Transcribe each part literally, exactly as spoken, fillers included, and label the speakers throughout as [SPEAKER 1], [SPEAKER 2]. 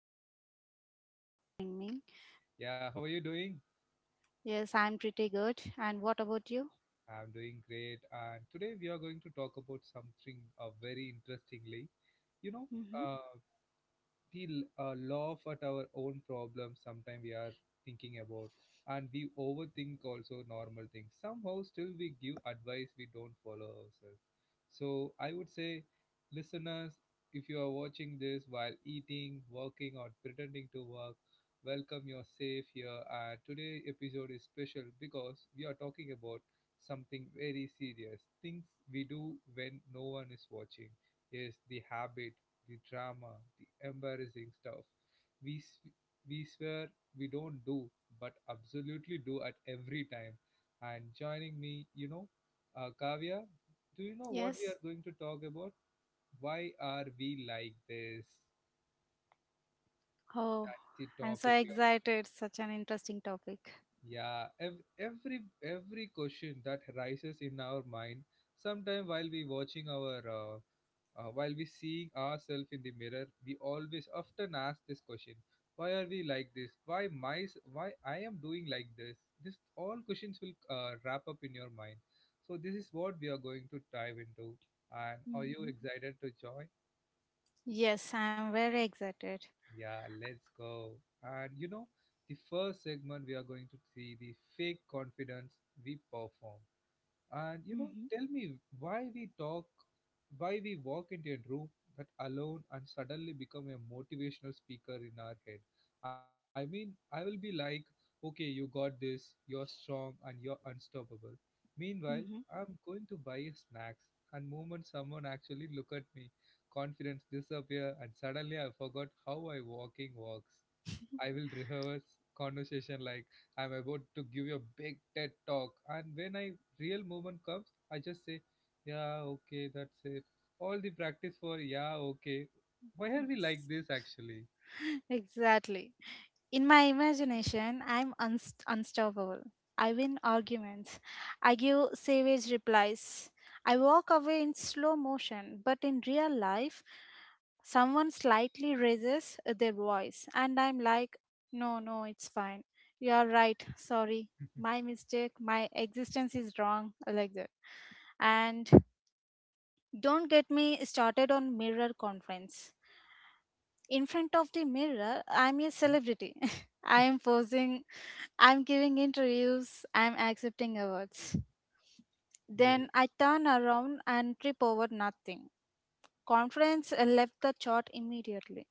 [SPEAKER 1] Uh, welcome. Thank you for welcoming me.
[SPEAKER 2] Yeah, how are you doing?
[SPEAKER 1] Yes, I'm pretty good. And what about you?
[SPEAKER 2] I'm doing great and today we are going to talk about something uh, very interestingly. You know,
[SPEAKER 1] Mm-hmm.
[SPEAKER 2] uh, we uh, laugh at our own problems, sometimes we are thinking about, and we overthink also normal things. Somehow still we give advice we don't follow ourselves. So I would say, listeners, if you are watching this while eating, working, or pretending to work, welcome, you're safe here. And today episode is special because we are talking about something very serious things we do when no one is watching. Is the habit, the drama, the embarrassing stuff we, s- we swear we don't do, but absolutely do at every time. And joining me, you know, uh, Kavya, do you know what we are
[SPEAKER 1] Yes.
[SPEAKER 2] going to talk about? Why are we like this?
[SPEAKER 1] Oh,
[SPEAKER 2] That's the
[SPEAKER 1] I'm
[SPEAKER 2] topic
[SPEAKER 1] so
[SPEAKER 2] we are.
[SPEAKER 1] excited. Such an interesting topic.
[SPEAKER 2] Yeah, ev- every every question that rises in our mind, sometime while we watching our uh, Uh, while we seeing ourselves in the mirror, we always often ask this question: why are we like this? Why my s- why I am doing like this? This all questions will uh, wrap up in your mind. So this is what we are going to dive into. And are you
[SPEAKER 1] Mm-hmm.
[SPEAKER 2] excited to join?
[SPEAKER 1] Yes, I'm very excited.
[SPEAKER 2] Yeah, let's go. And you know, the first segment we are going to see the fake confidence we perform. And you know,
[SPEAKER 1] Mm-hmm.
[SPEAKER 2] tell me why we talk, why we walk into a room that alone and suddenly become a motivational speaker in our head. I mean, I will be like, okay, you got this, you're strong and you're unstoppable. Meanwhile, I'm going to buy a snacks, and moment someone actually look at me, confidence disappear and suddenly I forgot how I walking walks. I will rehearse conversation like I'm about to give you a big TED talk. And when I real movement comes, I just say, yeah, okay, that's it. All the practice for yeah, okay. Why
[SPEAKER 1] Mm-hmm.
[SPEAKER 2] are we like this actually?
[SPEAKER 1] Exactly. In my imagination, I'm unst- unstoppable. I win arguments. I give savage replies. I walk away in slow motion, but in real life, someone slightly raises their voice, and I'm like, no, no, it's fine. You are right. Sorry. My mistake. My existence is wrong. Like that. And don't get me started on mirror conference, in front of the mirror I'm a celebrity. I am posing, I'm giving interviews, I'm accepting awards.
[SPEAKER 2] Yes.
[SPEAKER 1] Then I turn around and trip over nothing. Confidence uh, left the chart immediately.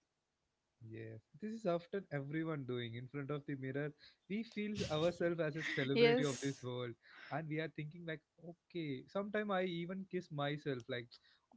[SPEAKER 2] Yes, this is often everyone doing in front of the mirror. We feel ourselves as a celebrity of this
[SPEAKER 1] Yes.
[SPEAKER 2] world, and we are thinking like, okay. Sometimes I even kiss myself, like,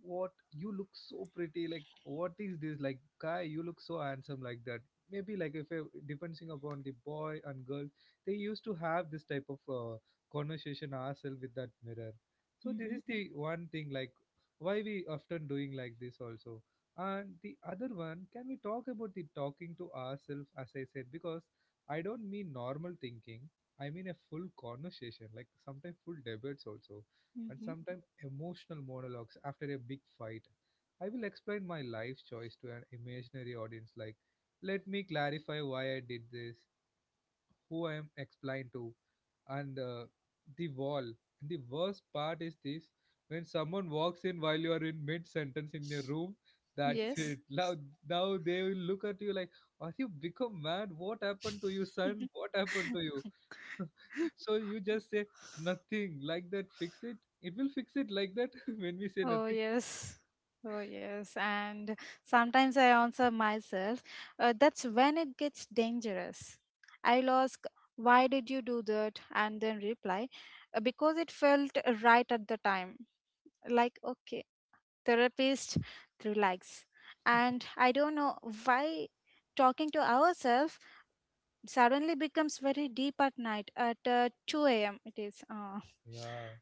[SPEAKER 2] what you look so pretty, like, what is this, like, guy, you look so handsome, like that. Maybe like if uh, depending upon the boy and girl, they used to have this type of uh, conversation ourselves with that mirror. So this
[SPEAKER 1] Mm-hmm.
[SPEAKER 2] is the one thing like why we often doing like this also. And the other one, can we talk about the talking to ourselves, as I said, because I don't mean normal thinking. I mean a full conversation, like sometimes full debates also, and
[SPEAKER 1] Mm-hmm.
[SPEAKER 2] sometimes emotional monologues after a big fight. I will explain my life choice to an imaginary audience, like, let me clarify why I did this, who I am explained to, and uh, the wall. And the worst part is this: when someone walks in while you are in mid sentence in your room, that's
[SPEAKER 1] Yes.
[SPEAKER 2] it. Now, now they will look at you like, "Are you become mad? What happened to you, son? What happened to you?" So you just say nothing like that. Fix it. It will fix it like that when we say
[SPEAKER 1] Oh,
[SPEAKER 2] nothing.
[SPEAKER 1] yes. Oh, yes. And sometimes I answer myself, uh, that's when it gets dangerous. I'll ask, why did you do that? And then reply, "Uh, because it felt uh, right at the time." Like, okay, therapist, relax. And I don't know why talking to ourselves suddenly becomes very deep at night at uh, two a m. It is. Uh,
[SPEAKER 2] Yeah.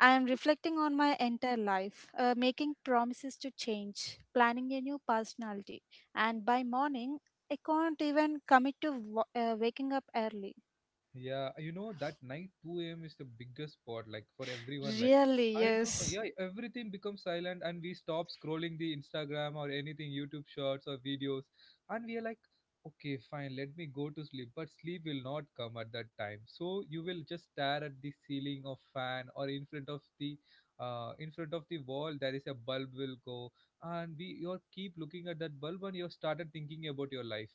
[SPEAKER 1] I am reflecting on my entire life, uh, making promises to change, planning a new personality, and by morning, I can't even commit to wa- uh, waking up early.
[SPEAKER 2] Yeah, you know that night two a m is the biggest spot like for everyone like
[SPEAKER 1] Really,
[SPEAKER 2] I don't know.
[SPEAKER 1] yes,
[SPEAKER 2] Yeah, everything becomes silent and we stop scrolling the Instagram or anything YouTube shorts or videos, and we are like, okay, fine, let me go to sleep, but sleep will not come at that time. So you will just stare at the ceiling of fan or in front of the uh in front of the wall there is a bulb will go, and we you keep looking at that bulb and you started thinking about your life,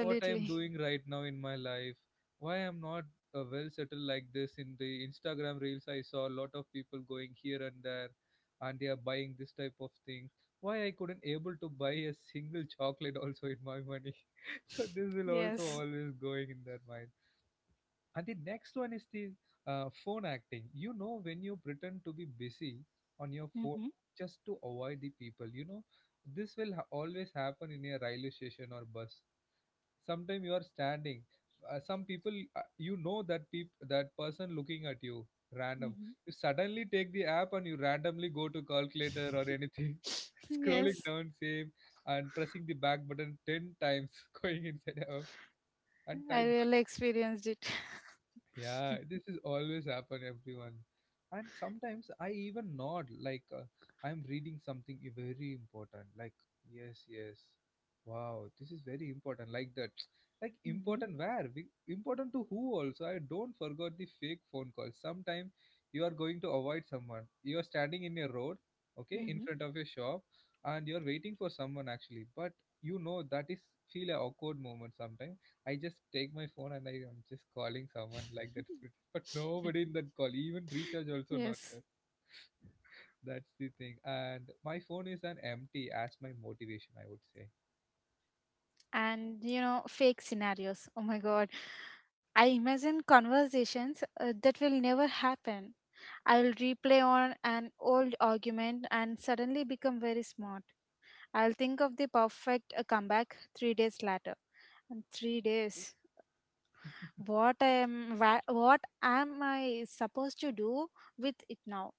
[SPEAKER 2] what I'm doing right now in my life, why I'm not uh, well settled like this. In the Instagram reels, I saw a lot of people going here and there, and they are buying this type of things. Why I couldn't able to buy a single chocolate also in my money. So this will also
[SPEAKER 1] yes.
[SPEAKER 2] always going in their mind. And the next one is the uh, phone acting. You know when you pretend to be busy on your phone
[SPEAKER 1] Mm-hmm.
[SPEAKER 2] just to avoid the people. You know this will ha- always happen in a railway station or bus. Sometimes you are standing. Uh, some people, uh, you know that peop- that person looking at you, random.
[SPEAKER 1] Mm-hmm.
[SPEAKER 2] You suddenly take the app and you randomly go to calculator or anything, scrolling
[SPEAKER 1] yes,
[SPEAKER 2] down same and pressing the back button ten times, going inside app and
[SPEAKER 1] I
[SPEAKER 2] type.
[SPEAKER 1] really experienced it.
[SPEAKER 2] Yeah, this is always happen everyone. And sometimes I even nod like uh, I'm reading something i- very important. Like, yes, yes. Wow, this is very important. Like that. Like
[SPEAKER 1] Mm-hmm.
[SPEAKER 2] important where? We- Important to who also? I don't forgot the fake phone call. Sometime you are going to avoid someone. You are standing in a road, okay, in
[SPEAKER 1] Mm-hmm.
[SPEAKER 2] front of a shop and you're waiting for someone actually. But you know that is feel a awkward moment sometimes. I just take my phone and I am just calling someone like that. fr- But nobody in that call, even recharge also not
[SPEAKER 1] yes.
[SPEAKER 2] there. That's the thing. And my phone is an empty as my motivation, I would
[SPEAKER 1] And you know, fake scenarios, oh my god, I imagine conversations uh, that will never happen. I'll replay on an old argument and suddenly become very smart. I'll think of the perfect uh, comeback three days later. And three days, what am wha- what am I supposed to do with it now?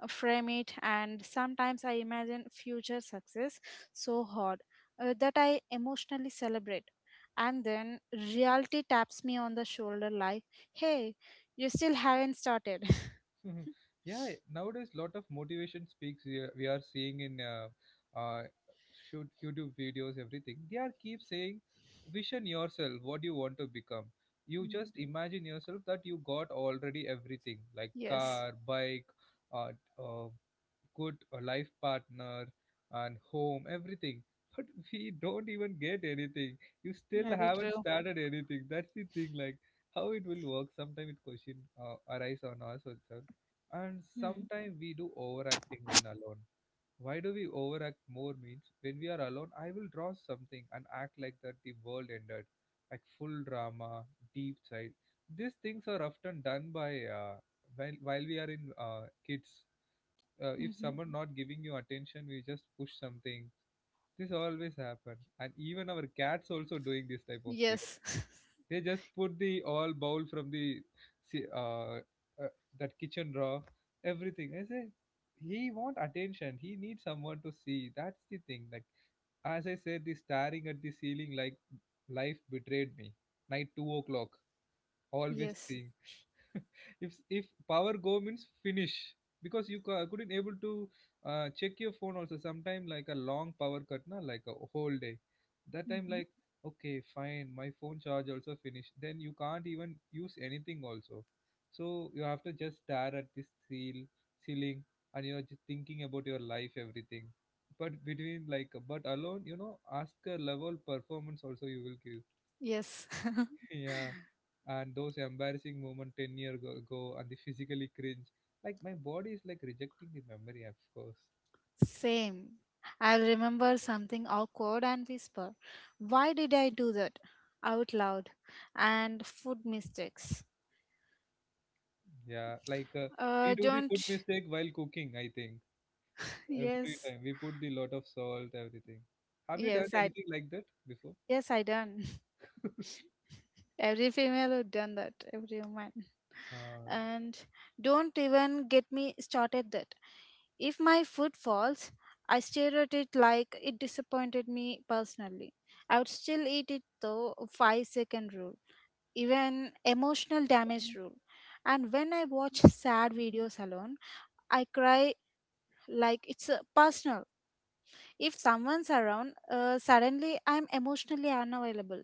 [SPEAKER 1] uh, Frame it. And sometimes I imagine future success so hard uh, that I emotionally celebrate. And then reality taps me on the shoulder like, hey, you still haven't started.
[SPEAKER 2] say. Yeah, nowadays lot of motivation speaks we are, we are seeing in uh, uh, shoot YouTube videos, everything. They are keep saying, vision yourself, what you want to become. You
[SPEAKER 1] Mm,
[SPEAKER 2] just imagine yourself that you got already everything like
[SPEAKER 1] yes,
[SPEAKER 2] car, bike, uh, uh, good a life partner and home, everything. But we don't even get anything. You still
[SPEAKER 1] very
[SPEAKER 2] haven't
[SPEAKER 1] true.
[SPEAKER 2] started anything. That's the thing. Like how it will work. Sometimes it question uh, arise on us also, and
[SPEAKER 1] Hmm.
[SPEAKER 2] sometimes we do overacting when alone. Why do we overact more? Means when we are alone, I will draw something and act like that the world ended, like full drama, deep side. These things are often done by uh, while while we are in uh, kids, uh, if
[SPEAKER 1] Mhm.
[SPEAKER 2] someone not giving you attention we just push something. This always happen, and even our cats also doing this type of thing.
[SPEAKER 1] Yes.
[SPEAKER 2] They just put the all bowl from the si- uh, uh, that kitchen drawer, everything I say. He want attention, he needs someone to see. That's the thing. Like as I said, the staring at the ceiling, like life betrayed me, night two o'clock, always
[SPEAKER 1] Yes.
[SPEAKER 2] thing. if if power go means finish, because you ca- couldn't able to uh, check your phone also sometime, like a long power cut na like a whole day, that time
[SPEAKER 1] Hmm.
[SPEAKER 2] like, okay fine, my phone charge also finished, then you can't even use anything also. So you have to just stare at this seal ceiling and you're just thinking about your life everything. But between like but alone you know, ask a level performance also you will give.
[SPEAKER 1] Yes.
[SPEAKER 2] Yeah. And those embarrassing moment ten year go ago and the physically cringe, like my body is like rejecting the memory. Of course.
[SPEAKER 1] Same. I'll remember something awkward and whisper, why did I do that? Out loud. And food mistakes.
[SPEAKER 2] Yeah, like uh, we
[SPEAKER 1] Uh,
[SPEAKER 2] do the food
[SPEAKER 1] don't.
[SPEAKER 2] mistake while cooking I think, every
[SPEAKER 1] Yes.
[SPEAKER 2] time we put the lot of salt everything. Have you
[SPEAKER 1] Yes,
[SPEAKER 2] done
[SPEAKER 1] I.
[SPEAKER 2] anything like that before?
[SPEAKER 1] Yes, I done. Every female would done that. Every woman.
[SPEAKER 2] uh,
[SPEAKER 1] And don't even get me started that. If my food falls, I stare at it like it disappointed me personally. I would still eat it though. Five second rule, even emotional damage rule. And when I watch sad videos alone, I cry like it's uh, personal. If someone's around, uh, suddenly I'm emotionally unavailable.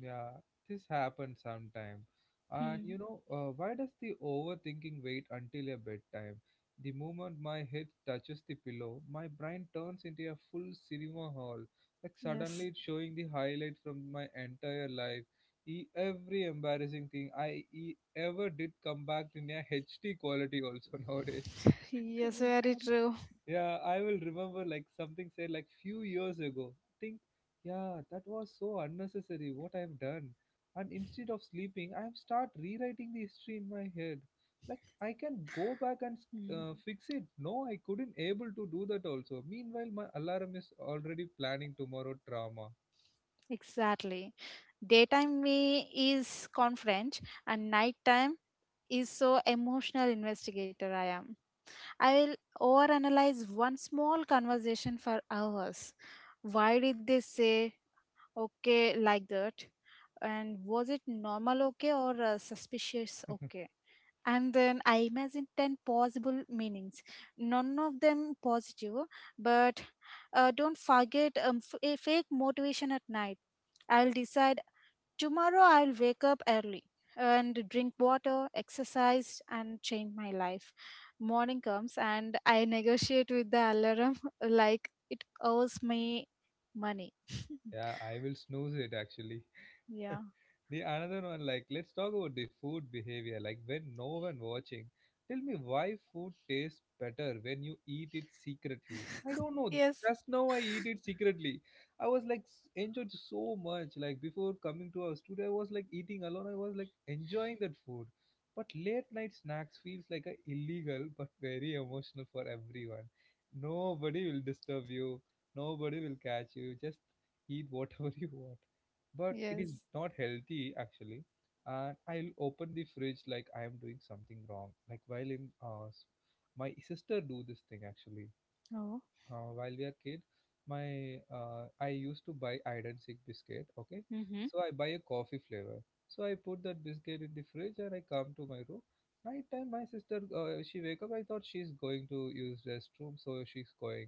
[SPEAKER 2] Yeah, this happens sometime. And
[SPEAKER 1] Hmm.
[SPEAKER 2] you know, uh, why does the overthinking wait until a bedtime? The moment my head touches the pillow, my brain turns into a full cinema hall, like
[SPEAKER 1] Yes.
[SPEAKER 2] suddenly it's showing the highlight from my entire life. E- every embarrassing thing I e- ever did come back in a H D quality also nowadays.
[SPEAKER 1] Yes, very true.
[SPEAKER 2] Yeah, I will remember like something said like few years ago. Think, yeah, that was so unnecessary what I've done. And instead of sleeping, I've start rewriting the history in my head. Like I can go back and
[SPEAKER 1] Hmm.
[SPEAKER 2] uh, fix it. No, I couldn't able to do that also. Meanwhile, my alarm is already planning tomorrow drama.
[SPEAKER 1] Exactly. Daytime me is confident, and nighttime is so emotional investigator I am. I will overanalyze one small conversation for hours. Why did they say okay like that? And was it normal okay or uh, suspicious okay? And then I imagined ten possible meanings, none of them positive. But uh, don't forget um, f- a fake motivation at night. I'll decide tomorrow I'll wake up early and drink water, exercise, and change my life. Morning comes and I negotiate with the alarm like it owes me money.
[SPEAKER 2] Yeah, I will snooze it actually.
[SPEAKER 1] Yeah.
[SPEAKER 2] The another one, like, let's talk about the food behavior. Like, when no one watching, tell me why food tastes better when you eat it secretly. I don't know.
[SPEAKER 1] Yes.
[SPEAKER 2] Just now I eat it secretly. I was like s- enjoyed so much. Like before coming to our studio, I was like eating alone. I was like enjoying that food. But late night snacks feels like a illegal but very emotional for everyone. Nobody will disturb you. Nobody will catch you. Just eat whatever you want, but it
[SPEAKER 1] Yes.
[SPEAKER 2] is not healthy actually. And I'll open the fridge like I am doing something wrong, like while in uh, s- my sister do this thing actually.
[SPEAKER 1] Oh.
[SPEAKER 2] Uh, while we are kid, my uh, I used to buy iron sick biscuit, okay?
[SPEAKER 1] Mm-hmm.
[SPEAKER 2] So I buy a coffee flavor. So I put that biscuit in the fridge and I come to my room. Night time, my sister, uh, she wake up. I thought she's going to use restroom, so she's going.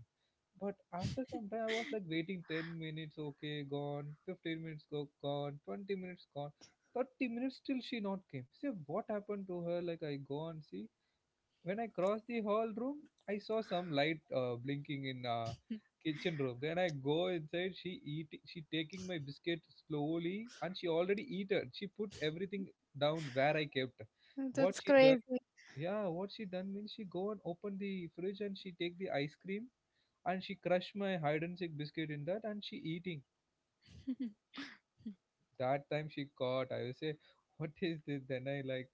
[SPEAKER 2] But after some time, I was like waiting. ten minutes, okay, gone. fifteen minutes go, gone. twenty minutes gone. thirty minutes, till she not came. See what happened to her, like I go and see. When I crossed the hall room, I saw some light uh, blinking in uh, kitchen room. Then I go inside. She eat. She taking my biscuit slowly, and she already eat it. She put everything down where I kept. What
[SPEAKER 1] That's
[SPEAKER 2] she done?
[SPEAKER 1] crazy.
[SPEAKER 2] Yeah, what she done means she go and open the fridge and she take the ice cream and she crush my hide and seek biscuit in that and she eating. That time she caught, I will say, what is this? Then I like,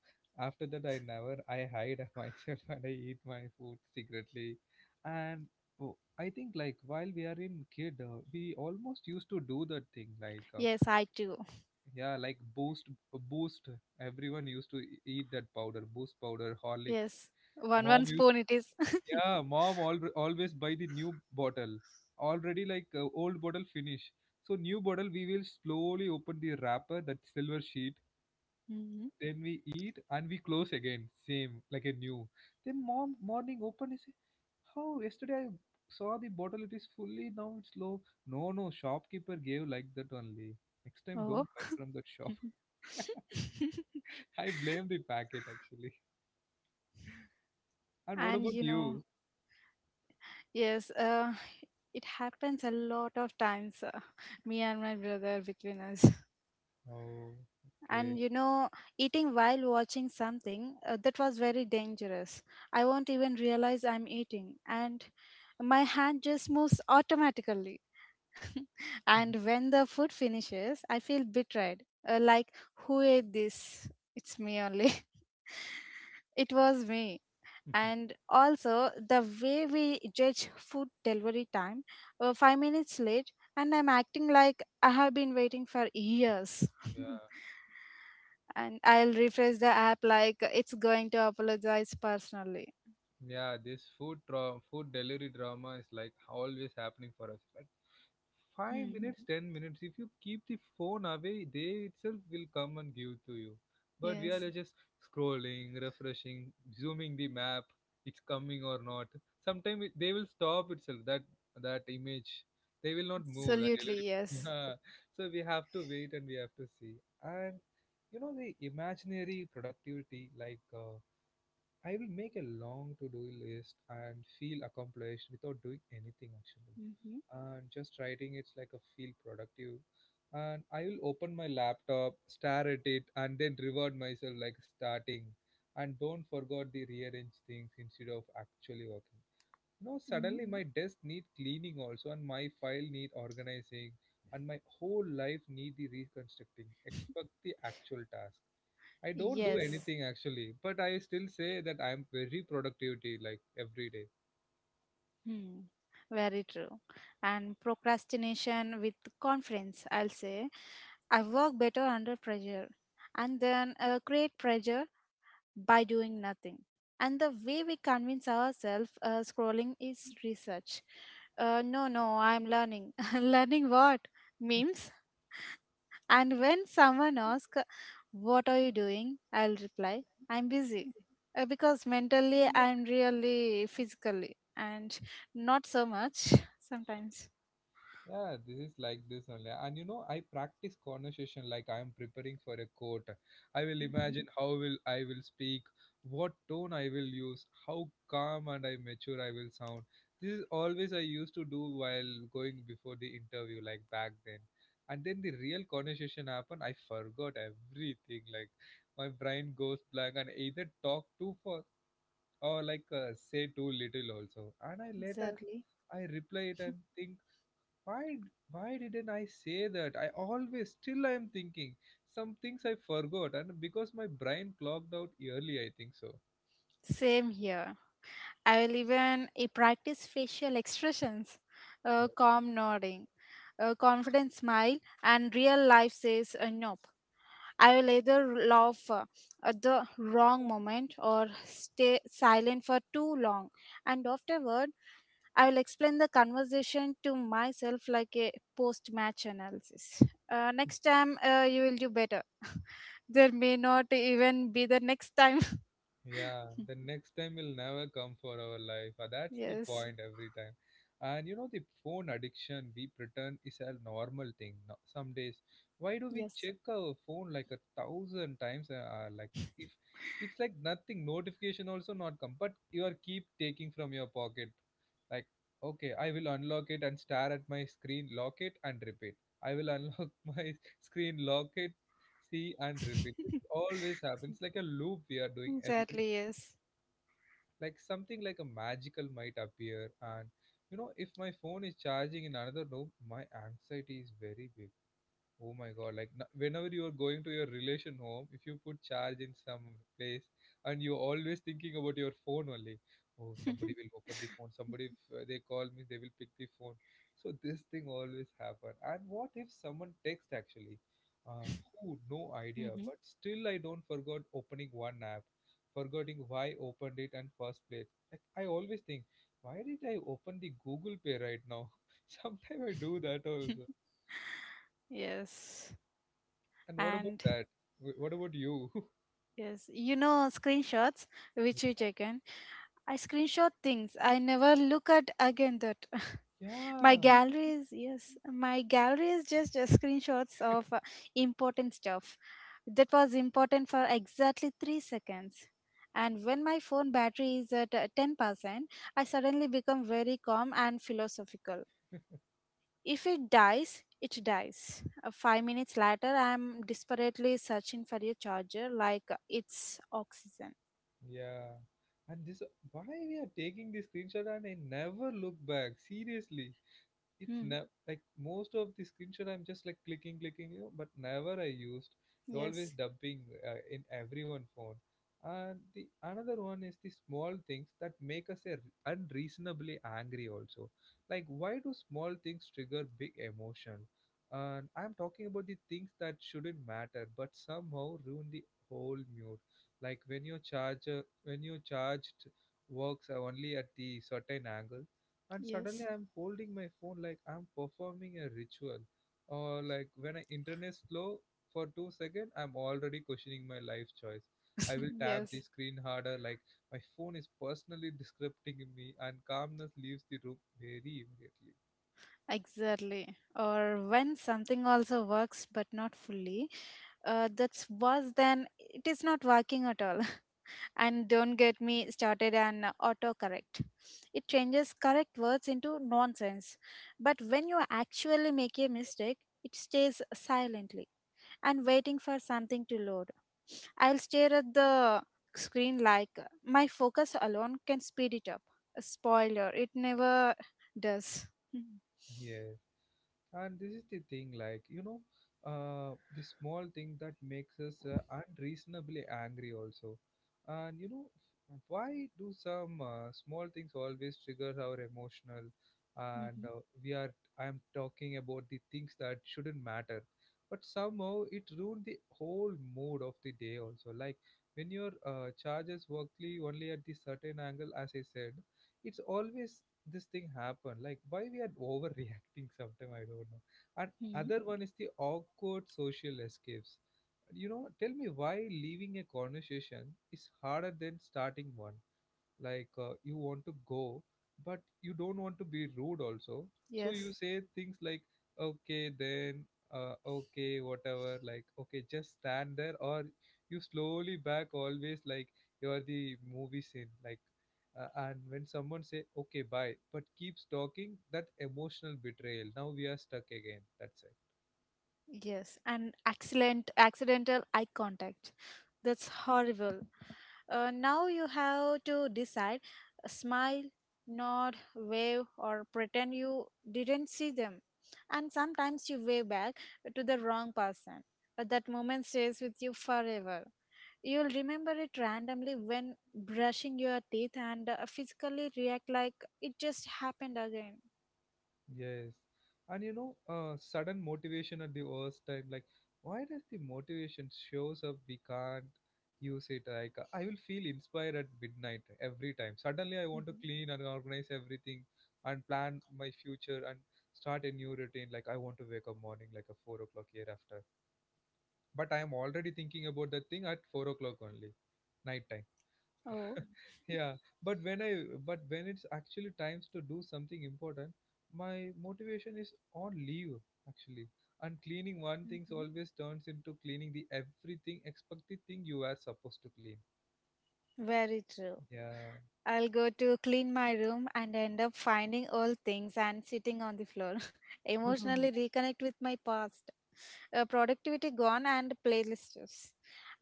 [SPEAKER 2] after that I never I hide myself and I eat my food secretly. And oh, I think like while we are in kid, uh, we almost used to do that thing, like uh,
[SPEAKER 1] Yes, I too.
[SPEAKER 2] yeah, like boost. Boost, everyone used to e- eat that powder, boost powder, horlicks.
[SPEAKER 1] Yes. One one
[SPEAKER 2] Mom used
[SPEAKER 1] spoon it is.
[SPEAKER 2] Yeah, mom al- always buy the new bottle. Already like uh, old bottle finish. So new bottle we will slowly open the wrapper, that silver sheet.
[SPEAKER 1] Mhm.
[SPEAKER 2] Then we eat and we close again, same like a new. Then mom morning open is, how yesterday I saw the bottle it is fully, now it's low. No, no, shopkeeper gave like that only. Next time
[SPEAKER 1] Oh.
[SPEAKER 2] don't buy from that shop. I blame the packet actually. And what
[SPEAKER 1] And
[SPEAKER 2] about
[SPEAKER 1] you know,
[SPEAKER 2] you?
[SPEAKER 1] yes. Uh it happens a lot of times, uh, me and my brother between us.
[SPEAKER 2] Oh,
[SPEAKER 1] And
[SPEAKER 2] okay.
[SPEAKER 1] you know, eating while watching something uh, that was very dangerous. I won't even realize I'm eating, and my hand just moves automatically. And when the food finishes, I feel betrayed. Uh, like, who ate this? It's me only. It was me. And also, the way we judge food delivery time, uh, five minutes late, and I'm acting like I have been waiting for years.
[SPEAKER 2] Yeah.
[SPEAKER 1] And I'll refresh the app like it's going to apologize personally.
[SPEAKER 2] Yeah, this food tra- food delivery drama is like always happening for us. Like five
[SPEAKER 1] Hmm.
[SPEAKER 2] minutes, ten minutes. If you keep the phone away, they itself will come and give to you. But we are
[SPEAKER 1] Yes,
[SPEAKER 2] like just scrolling, refreshing, zooming the map. It's coming or not. Sometimes they will stop itself. That that image, they will not move. That
[SPEAKER 1] absolutely,
[SPEAKER 2] delivery.
[SPEAKER 1] yes.
[SPEAKER 2] Yeah. So we have to wait and we have to see. And you know the imaginary productivity, like. Uh, I will make a long to do list and feel accomplished without doing anything actually.
[SPEAKER 1] Mm-hmm.
[SPEAKER 2] And just writing it's like a feel productive. And I will open my laptop, stare at it, and then reward myself like starting. And don't forget the rearrange things instead of actually working. You know,
[SPEAKER 1] Hmm.
[SPEAKER 2] suddenly my desk need cleaning also, and my file need organizing, and my whole life need the reconstructing. Expect the actual task, I don't do
[SPEAKER 1] Yes.
[SPEAKER 2] anything actually, but I still say that I am very productivity like every day.
[SPEAKER 1] Hmm. Very true. And procrastination with conference, I'll say. I work better under pressure and then uh, create pressure by doing nothing. And the way we convince ourselves uh, scrolling is research. Uh, no, no, I'm learning. Learning what? Memes? And when someone asks, what are you doing? I'll reply, I'm busy. Uh, Because mentally, I'm really physically, and not so much sometimes.
[SPEAKER 2] Yeah, this is like this only. And you know, I practice conversation like I am preparing for a court. I will
[SPEAKER 1] Mhm.
[SPEAKER 2] imagine how will I will speak, what tone I will use, how calm and I mature I will sound. This is always I used to do while going before the interview like back then. And then the real conversation happened, I forgot everything, like my brain goes blank and either talk too for, or like uh, say too little also. And I later
[SPEAKER 1] Exactly.
[SPEAKER 2] I reply it and think, why why didn't I say that? I always still I am thinking, some things I forgot, and because my brain clocked out early, I think so.
[SPEAKER 1] Same here. I'll even I practice facial expressions, uh, calm nodding, a confident smile, and real life says uh, nope. I will either laugh uh, at the wrong moment or stay silent for too long, and afterward, I will explain the conversation to myself like a post match analysis. Uh, next time, uh, you will do better. There may not even be the next time.
[SPEAKER 2] Yeah, the next time will never come for our life. Uh, That's the
[SPEAKER 1] Yes,
[SPEAKER 2] point every time. And you know, the phone addiction we pretend is a normal thing, no, some days. Why do we
[SPEAKER 1] yes.
[SPEAKER 2] check our phone like a thousand times? Uh, uh, like, if it's like nothing, notification also not come, but you are keep taking from your pocket. Like, okay, I will unlock it and stare at my screen, lock it and repeat. I will unlock my screen, lock it, see and repeat. It always happens like a loop we are doing every,
[SPEAKER 1] Exactly, yes.
[SPEAKER 2] like something like a magical might appear. And you know, if my phone is charging in another room, my anxiety is very big. Oh my god, like n- whenever you are going to your relation home, if you put charge in some place, and you're always thinking about your phone only, oh, somebody will open the phone, somebody, if uh, they call me, they will pick the phone. So this thing always happen. And what if someone text actually? Uh, who, no idea,
[SPEAKER 1] Mhm.
[SPEAKER 2] but still I don't forgot opening one app, forgetting why opened it and first place. Like I always think, why did I open the Google Pay right now? Sometimes I do that also.
[SPEAKER 1] yes.
[SPEAKER 2] And what about
[SPEAKER 1] And
[SPEAKER 2] that? Wh- What about you?
[SPEAKER 1] yes, you know screenshots which you taken. I screenshot things. I never look at again that. My
[SPEAKER 2] Yeah,
[SPEAKER 1] gallery is, yes, my gallery is just uh, screenshots of uh, important stuff that was important for exactly three seconds. And when my phone battery is at uh, ten percent, I suddenly become very calm and philosophical. If it dies, it dies. Uh, five minutes later, I am desperately searching for a charger like uh, it's oxygen.
[SPEAKER 2] yeah. And this, why we are taking this screenshot and I never look back? Seriously, it's
[SPEAKER 1] Hmm.
[SPEAKER 2] never like most of the screenshot I'm just like clicking, clicking, you know, but never I used, it always
[SPEAKER 1] Yes,
[SPEAKER 2] dumping uh, in everyone phone. And the another one is the small things that make us a, unreasonably angry also, like why do small things trigger big emotion? And I'm talking about the things that shouldn't matter but somehow ruin the whole mood, like when your charger, when your charged works are only at the certain angle, and suddenly
[SPEAKER 1] yes,
[SPEAKER 2] I'm holding my phone like I'm performing a ritual. Or like when I internet slow for two seconds, I'm already questioning my life choice. I will tap the
[SPEAKER 1] yes,
[SPEAKER 2] screen harder like my phone is personally disrupting me, and calmness leaves the room very immediately.
[SPEAKER 1] exactly. Or when something also works but not fully, uh, that's worse than it is not working at all. And don't get me started on autocorrect. It changes correct words into nonsense. But when you actually make a mistake, it stays silently and waiting for something to load. I'll stare at the screen like my focus alone can speed it up. Spoiler, it never does. Mhm.
[SPEAKER 2] Yeah, and this is the thing, like, you know, uh, the small thing that makes us uh, unreasonably angry also. And you know, f- why do some uh, small things always trigger our emotional? And
[SPEAKER 1] Mhm.
[SPEAKER 2] uh, we are I'm talking about the things that shouldn't matter but somehow it ruined the whole mood of the day also, like when your uh, charges workly only at the certain angle, as I said. It's always this thing happen, like why we are overreacting? Sometime I don't know. And
[SPEAKER 1] Mhm.
[SPEAKER 2] other one is the awkward social escapes. You know, tell me why leaving a conversation is harder than starting one. Like uh, you want to go but you don't want to be rude also. So you
[SPEAKER 1] Yes,
[SPEAKER 2] say things like, okay then, uh, okay whatever, like okay, just stand there. Or you slowly back always like you are the movie scene, like uh, and when someone say okay bye but keeps talking, that emotional betrayal, now we are stuck again, that's it.
[SPEAKER 1] yes, and accident, accidental eye contact. That's horrible. Uh, now you have to decide, smile, nod, wave, or pretend you didn't see them. And sometimes you wave back to the wrong person, but that moment stays with you forever. You'll remember it randomly when brushing your teeth and uh, physically react like it just happened again.
[SPEAKER 2] Yes. And you know, uh, sudden motivation at the worst time. Like, why does the motivation shows up? We can't use it. Like, I will feel inspired at midnight every time. Suddenly, I want to
[SPEAKER 1] Mm-hmm.
[SPEAKER 2] clean and organize everything and plan my future and start a new routine. Like, I want to wake up morning like a four o'clock year after. But I am already thinking about that thing at four o'clock only, night time.
[SPEAKER 1] Oh.
[SPEAKER 2] Yeah, but when i but when it's actually times to do something important, my motivation is on leave actually. And cleaning one things
[SPEAKER 1] Mhm.
[SPEAKER 2] always turns into cleaning the everything expected thing you are supposed to clean.
[SPEAKER 1] Very true.
[SPEAKER 2] Yeah.
[SPEAKER 1] I'll go to clean my room and end up finding old things and sitting on the floor. Emotionally reconnect with my past. Uh, productivity gone and playlists.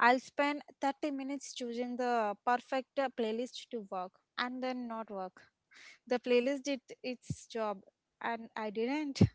[SPEAKER 1] I'll spend thirty minutes choosing the perfect uh, playlist to work and then not work. The playlist did its job and I didn't.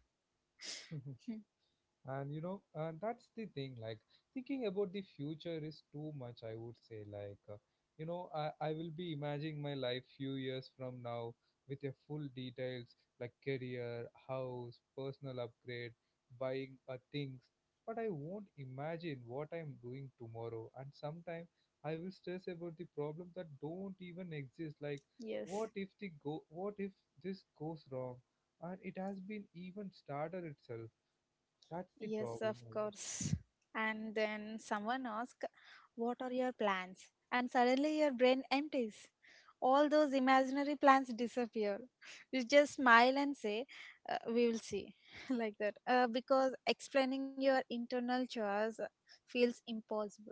[SPEAKER 1] Hmm.
[SPEAKER 2] And you know, uh, that's the thing, like thinking about the future is too much, I would say, like uh, you know, I, I will be imagining my life few years from now with a full details, like career, house, personal upgrade, buying uh, things. But I won't imagine what I'm doing tomorrow. And sometimes I will stress about the problem that don't even exist, like
[SPEAKER 1] Yes,
[SPEAKER 2] what if the go what if this goes wrong, and it has been even started itself. That's the
[SPEAKER 1] yes,
[SPEAKER 2] problem,
[SPEAKER 1] of
[SPEAKER 2] also.
[SPEAKER 1] course. And then someone asks, what are your plans? And suddenly your brain empties. All those imaginary plans disappear. You just smile and say, uh, we will see, like that. Uh, because explaining your internal chores feels impossible.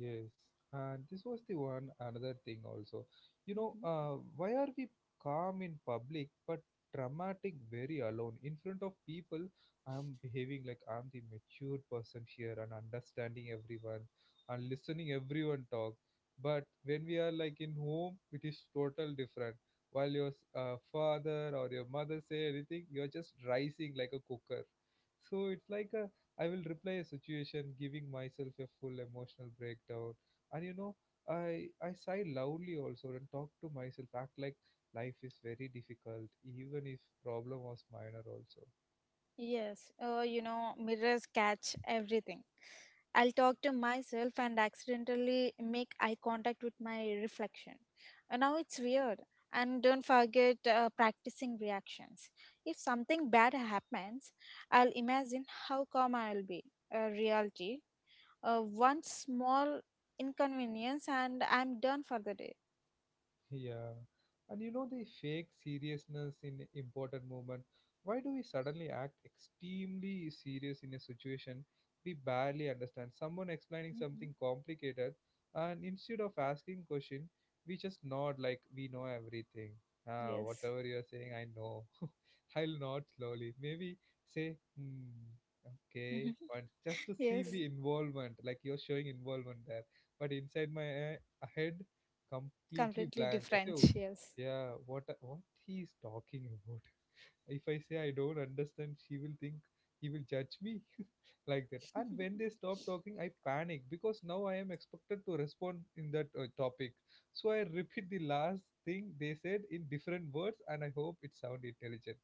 [SPEAKER 2] Yes, and this was the one another thing also. You know,
[SPEAKER 1] Mhm.
[SPEAKER 2] uh, why are we calm in public but dramatic very alone in front of people? I'm behaving like I'm the matured person here and understanding everyone and listening everyone talk. But when we are like in home, it is total different. While your s- uh, father or your mother say anything, you're just rising like a cooker. So it's like a, I will replay a situation, giving myself a full emotional breakdown. And you know, I I sigh loudly also and talk to myself, act like life is very difficult, even if problem was minor also.
[SPEAKER 1] Yes, uh, you know, mirrors catch everything. I'll talk to myself and accidentally make eye contact with my reflection. Uh, Now it's weird. And don't forget uh, practicing reactions. If something bad happens, I'll imagine how calm I'll be. Uh, reality, uh, one small inconvenience, and I'm done for the day.
[SPEAKER 2] Yeah. And you know the fake seriousness in important moment. Why do we suddenly act extremely serious in a situation we barely understand? Someone explaining
[SPEAKER 1] Hmm.
[SPEAKER 2] something complicated, and instead of asking question, we just nod like we know everything. Ah,
[SPEAKER 1] Yes.
[SPEAKER 2] whatever you're saying, I know. I'll nod slowly. Maybe say, hmm, okay, but just to see
[SPEAKER 1] Yes.
[SPEAKER 2] the involvement, like you're showing involvement there. But inside my eh, head, completely
[SPEAKER 1] Completely
[SPEAKER 2] blank. I say,
[SPEAKER 1] different.
[SPEAKER 2] "Oh,
[SPEAKER 1] Yes.
[SPEAKER 2] yeah, what what he is talking about? If I say I don't understand, she will think he will judge me like that." And when they stop talking, I panic because now I am expected to respond in that uh, topic. So I repeat the last thing they said in different words, and I hope it sound intelligent.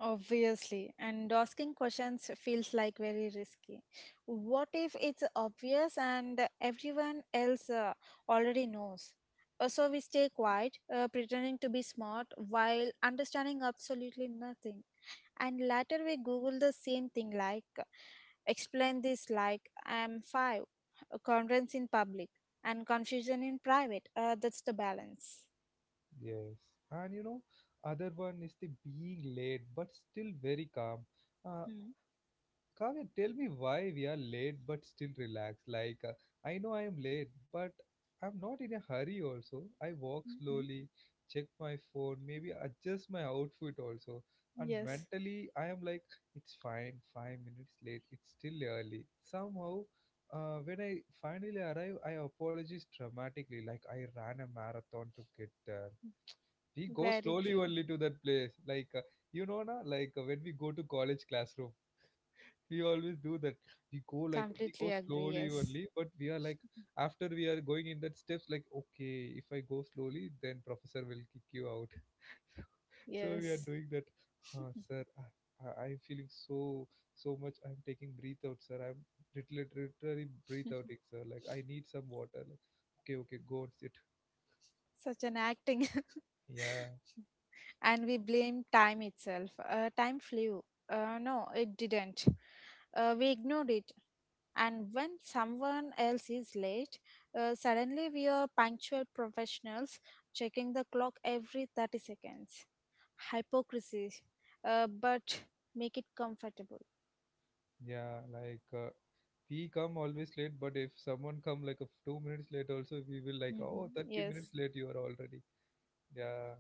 [SPEAKER 1] Obviously, and asking questions feels like very risky. What if it's obvious and everyone else uh, already knows? Uh, So we stay quiet, uh, pretending to be smart while understanding absolutely nothing. And later we Google the same thing like, explain this like I'm five, a conference in public, and confusion in private. Uh, that's the balance.
[SPEAKER 2] Yes, and you know, other one is the being late but still very calm. Uh,
[SPEAKER 1] Hmm.
[SPEAKER 2] Kavya, tell me why we are late but still relaxed. Like, uh, I know I am late, but I'm not in a hurry also. I walk
[SPEAKER 1] Mm-hmm.
[SPEAKER 2] slowly, check my phone, maybe adjust my outfit also. And
[SPEAKER 1] Yes,
[SPEAKER 2] mentally, I am like, it's fine, five minutes late, it's still early. Somehow, uh, when I finally arrive, I apologize dramatically, like I ran a marathon to get there. We go
[SPEAKER 1] very
[SPEAKER 2] slowly
[SPEAKER 1] true.
[SPEAKER 2] only to that place. Like, uh, you know, na, like uh, when we go to college classroom we always do that, we go like, we go
[SPEAKER 1] Completely agree.
[SPEAKER 2] slowly
[SPEAKER 1] Yes.
[SPEAKER 2] only, but we are like, after we are going in that steps like, okay, if I go slowly then professor will kick you out. So we are
[SPEAKER 1] Yes.
[SPEAKER 2] doing that, huh, sir, I, I- i'm feeling so so much, I'm taking breathe out sir, i'm lit- lit- literally breathe outing sir, like I need some water, like okay okay go and sit.
[SPEAKER 1] Such an acting.
[SPEAKER 2] Yeah.
[SPEAKER 1] And we blame time itself. Uh, time flew. Uh, no, it didn't. Uh, we ignored it. And when someone else is late, uh, suddenly we are punctual professionals checking the clock every thirty seconds. Hypocrisy. Uh, but make it comfortable.
[SPEAKER 2] yeah like uh, we come always late, but if someone come like a two minutes late also, we will like, oh,
[SPEAKER 1] Hmm.
[SPEAKER 2] thirty minutes
[SPEAKER 1] Yes.
[SPEAKER 2] late you are already. Yeah.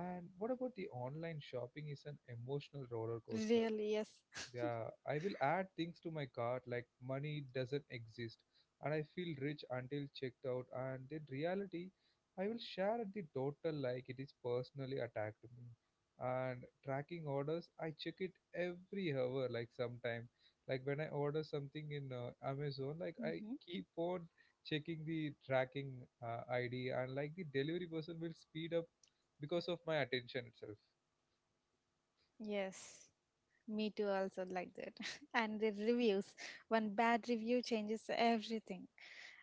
[SPEAKER 2] And what about the online shopping is an emotional roller coaster?
[SPEAKER 1] Really, yes.
[SPEAKER 2] Yeah, I will add things to my cart like money doesn't exist, and I feel rich until checked out, and in reality I will share the total like it is personally attacked me. And tracking orders, I check it every hour like sometime. Like when I order something in uh, Amazon, like I
[SPEAKER 1] Hmm.
[SPEAKER 2] keep on checking the tracking uh, I D, and like the delivery person will speed up because of my attention itself.
[SPEAKER 1] Yes. Me too, also like that. And the reviews. One bad review changes everything.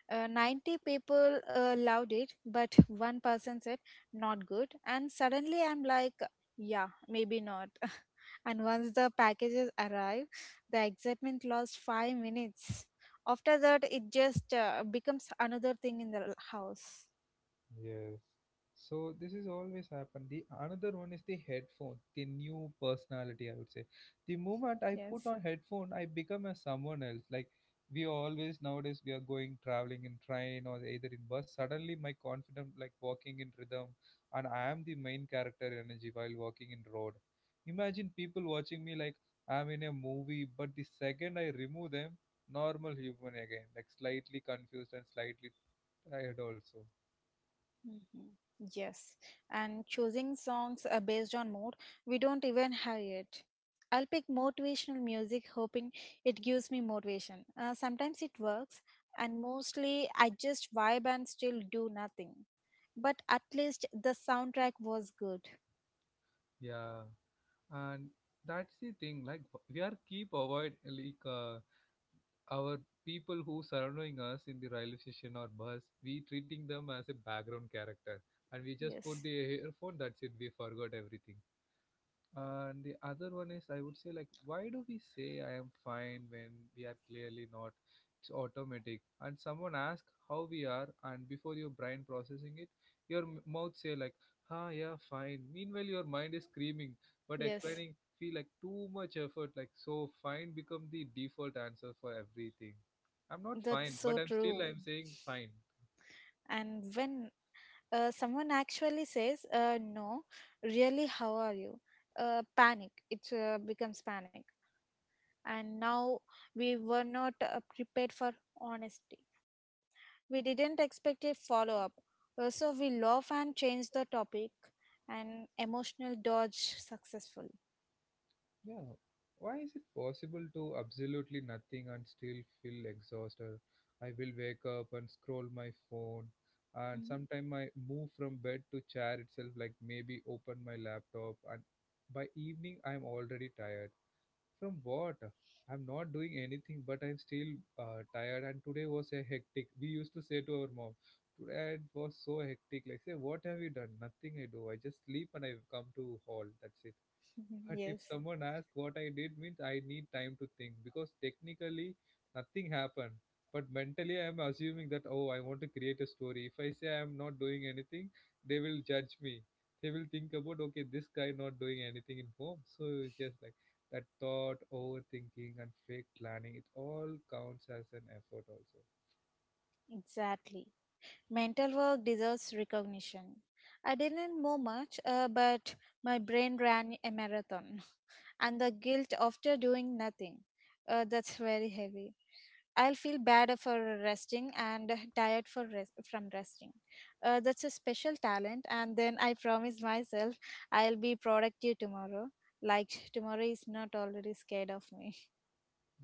[SPEAKER 1] Uh, ninety people uh, loved it, but one person said, not good. And suddenly I'm like, yeah, maybe not. And once the packages arrive, the excitement lasts five minutes. After that, it just uh, becomes another thing in the house.
[SPEAKER 2] Yes. So this is always happened. The another one is the headphone, the new personality I would say. The moment I put
[SPEAKER 1] Yes.
[SPEAKER 2] on headphone, I become as someone else. Like, we always nowadays we are going traveling in train or either in bus. Suddenly my confident like walking in rhythm, and I am the main character energy while walking in road. Imagine people watching me like I'm in a movie, but the second I remove them, normal human again, like slightly confused and slightly tired also.
[SPEAKER 1] Mhm. Yes, and choosing songs uh, based on mood, we don't even have it. I'll pick motivational music hoping it gives me motivation. Uh, sometimes it works, and mostly I just vibe and still do nothing. But at least the soundtrack was good.
[SPEAKER 2] Yeah. And that's the thing, like we are keep avoid like uh, our people who surrounding us in the railway station or bus, we treating them as a background character, and we just put
[SPEAKER 1] Yes,
[SPEAKER 2] the earphone, that's it, we forgot everything. And the other one is, I would say, like, why do we say I am fine when we are clearly not? It's automatic. And someone asks how we are, and before your brain processing it, your m- mouth say like, "Ha, yeah, fine." Meanwhile, your mind is screaming, but
[SPEAKER 1] yes,
[SPEAKER 2] explaining feel like too much effort. Like, so fine become the default answer for everything. I'm not
[SPEAKER 1] that's
[SPEAKER 2] fine,
[SPEAKER 1] so
[SPEAKER 2] but I'm
[SPEAKER 1] true.
[SPEAKER 2] still I'm saying fine.
[SPEAKER 1] And when uh, someone actually says, uh, no, really, how are you? Uh, panic, it uh, becomes panic. And now we were not uh, prepared for honesty. We didn't expect a follow up. So we laugh and change the topic, and emotional dodge successful.
[SPEAKER 2] Yeah. Why is it possible to absolutely nothing and still feel exhausted? I will wake up and scroll my phone, and
[SPEAKER 1] Mhm.
[SPEAKER 2] sometimes I move from bed to chair itself, like maybe open my laptop, and by evening I'm already tired. From what? I'm not doing anything, but I'm still uh, tired. And today was a hectic. We used to say to our mom, "Today it was so hectic." Like, say, what have you done? Nothing I do. I just sleep and I come to hall. That's it. But if
[SPEAKER 1] Yes,
[SPEAKER 2] someone asks what I did means, I need time to think because technically nothing happened. But mentally I am assuming that, oh, I want to create a story. If I say I am not doing anything, they will judge me. They will think about, okay, this guy not doing anything in home. So it's just like that thought, overthinking and fake planning, it all counts as an effort also.
[SPEAKER 1] exactly. Mental work deserves recognition. I didn't know much, uh, but my brain ran a marathon, and the guilt after doing nothing. Uh, that's very heavy. I'll feel bad for resting and tired for rest, from resting. Uh, that's a special talent, and then I promise myself I'll be productive tomorrow. Like tomorrow is not already scared of me.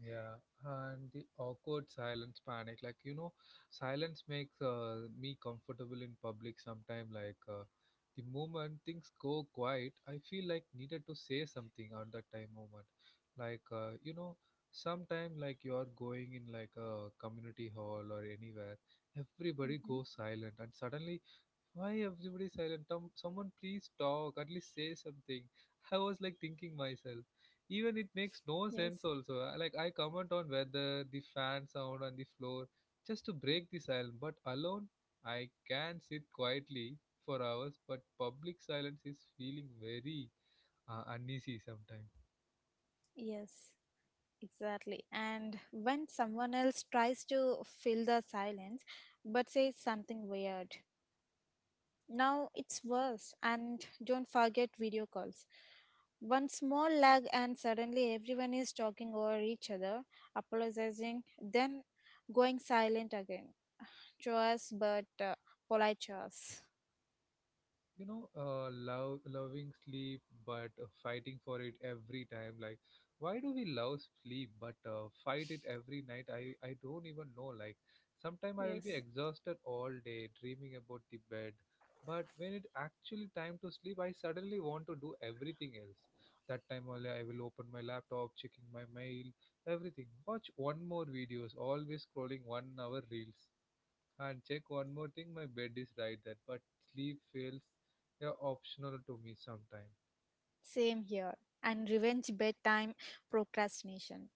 [SPEAKER 2] Yeah, and the awkward silence panic. Like, you know, silence makes uh, me comfortable in public sometime. Like, uh, the moment things go quiet, I feel like needed to say something at that time moment. Like, uh, you know, sometime like you're going in like a community hall or anywhere, everybody
[SPEAKER 1] Hmm.
[SPEAKER 2] goes silent, and suddenly, why everybody silent? Tom, someone please talk. At least say something. I was like thinking myself. Even it makes no
[SPEAKER 1] Yes.
[SPEAKER 2] sense. Also, I- like I comment on weather, the fan sound on the floor, just to break the silence. But alone, I can sit quietly for hours. But public silence is feeling very uh, uneasy sometimes.
[SPEAKER 1] Yes, exactly. And when someone else tries to fill the silence but says something weird, now it's worse. And don't forget video calls. One small lag, and suddenly everyone is talking over each other, apologizing, then going silent again. Chores, but uh, polite chores.
[SPEAKER 2] You know, uh, love loving sleep but uh, fighting for it every time, like why do we love sleep but uh, fight it every night? I i don't even know, like sometime I will
[SPEAKER 1] Yes,
[SPEAKER 2] be exhausted all day dreaming about the bed, but when it actually time to sleep, I suddenly want to do everything else. That time only I will open my laptop, checking my mail, everything, watch one more videos, always scrolling one hour reels, and check one more thing. My bed is right there, but sleep feels, yeah, optional to me sometimes.
[SPEAKER 1] same here. And revenge bedtime procrastination.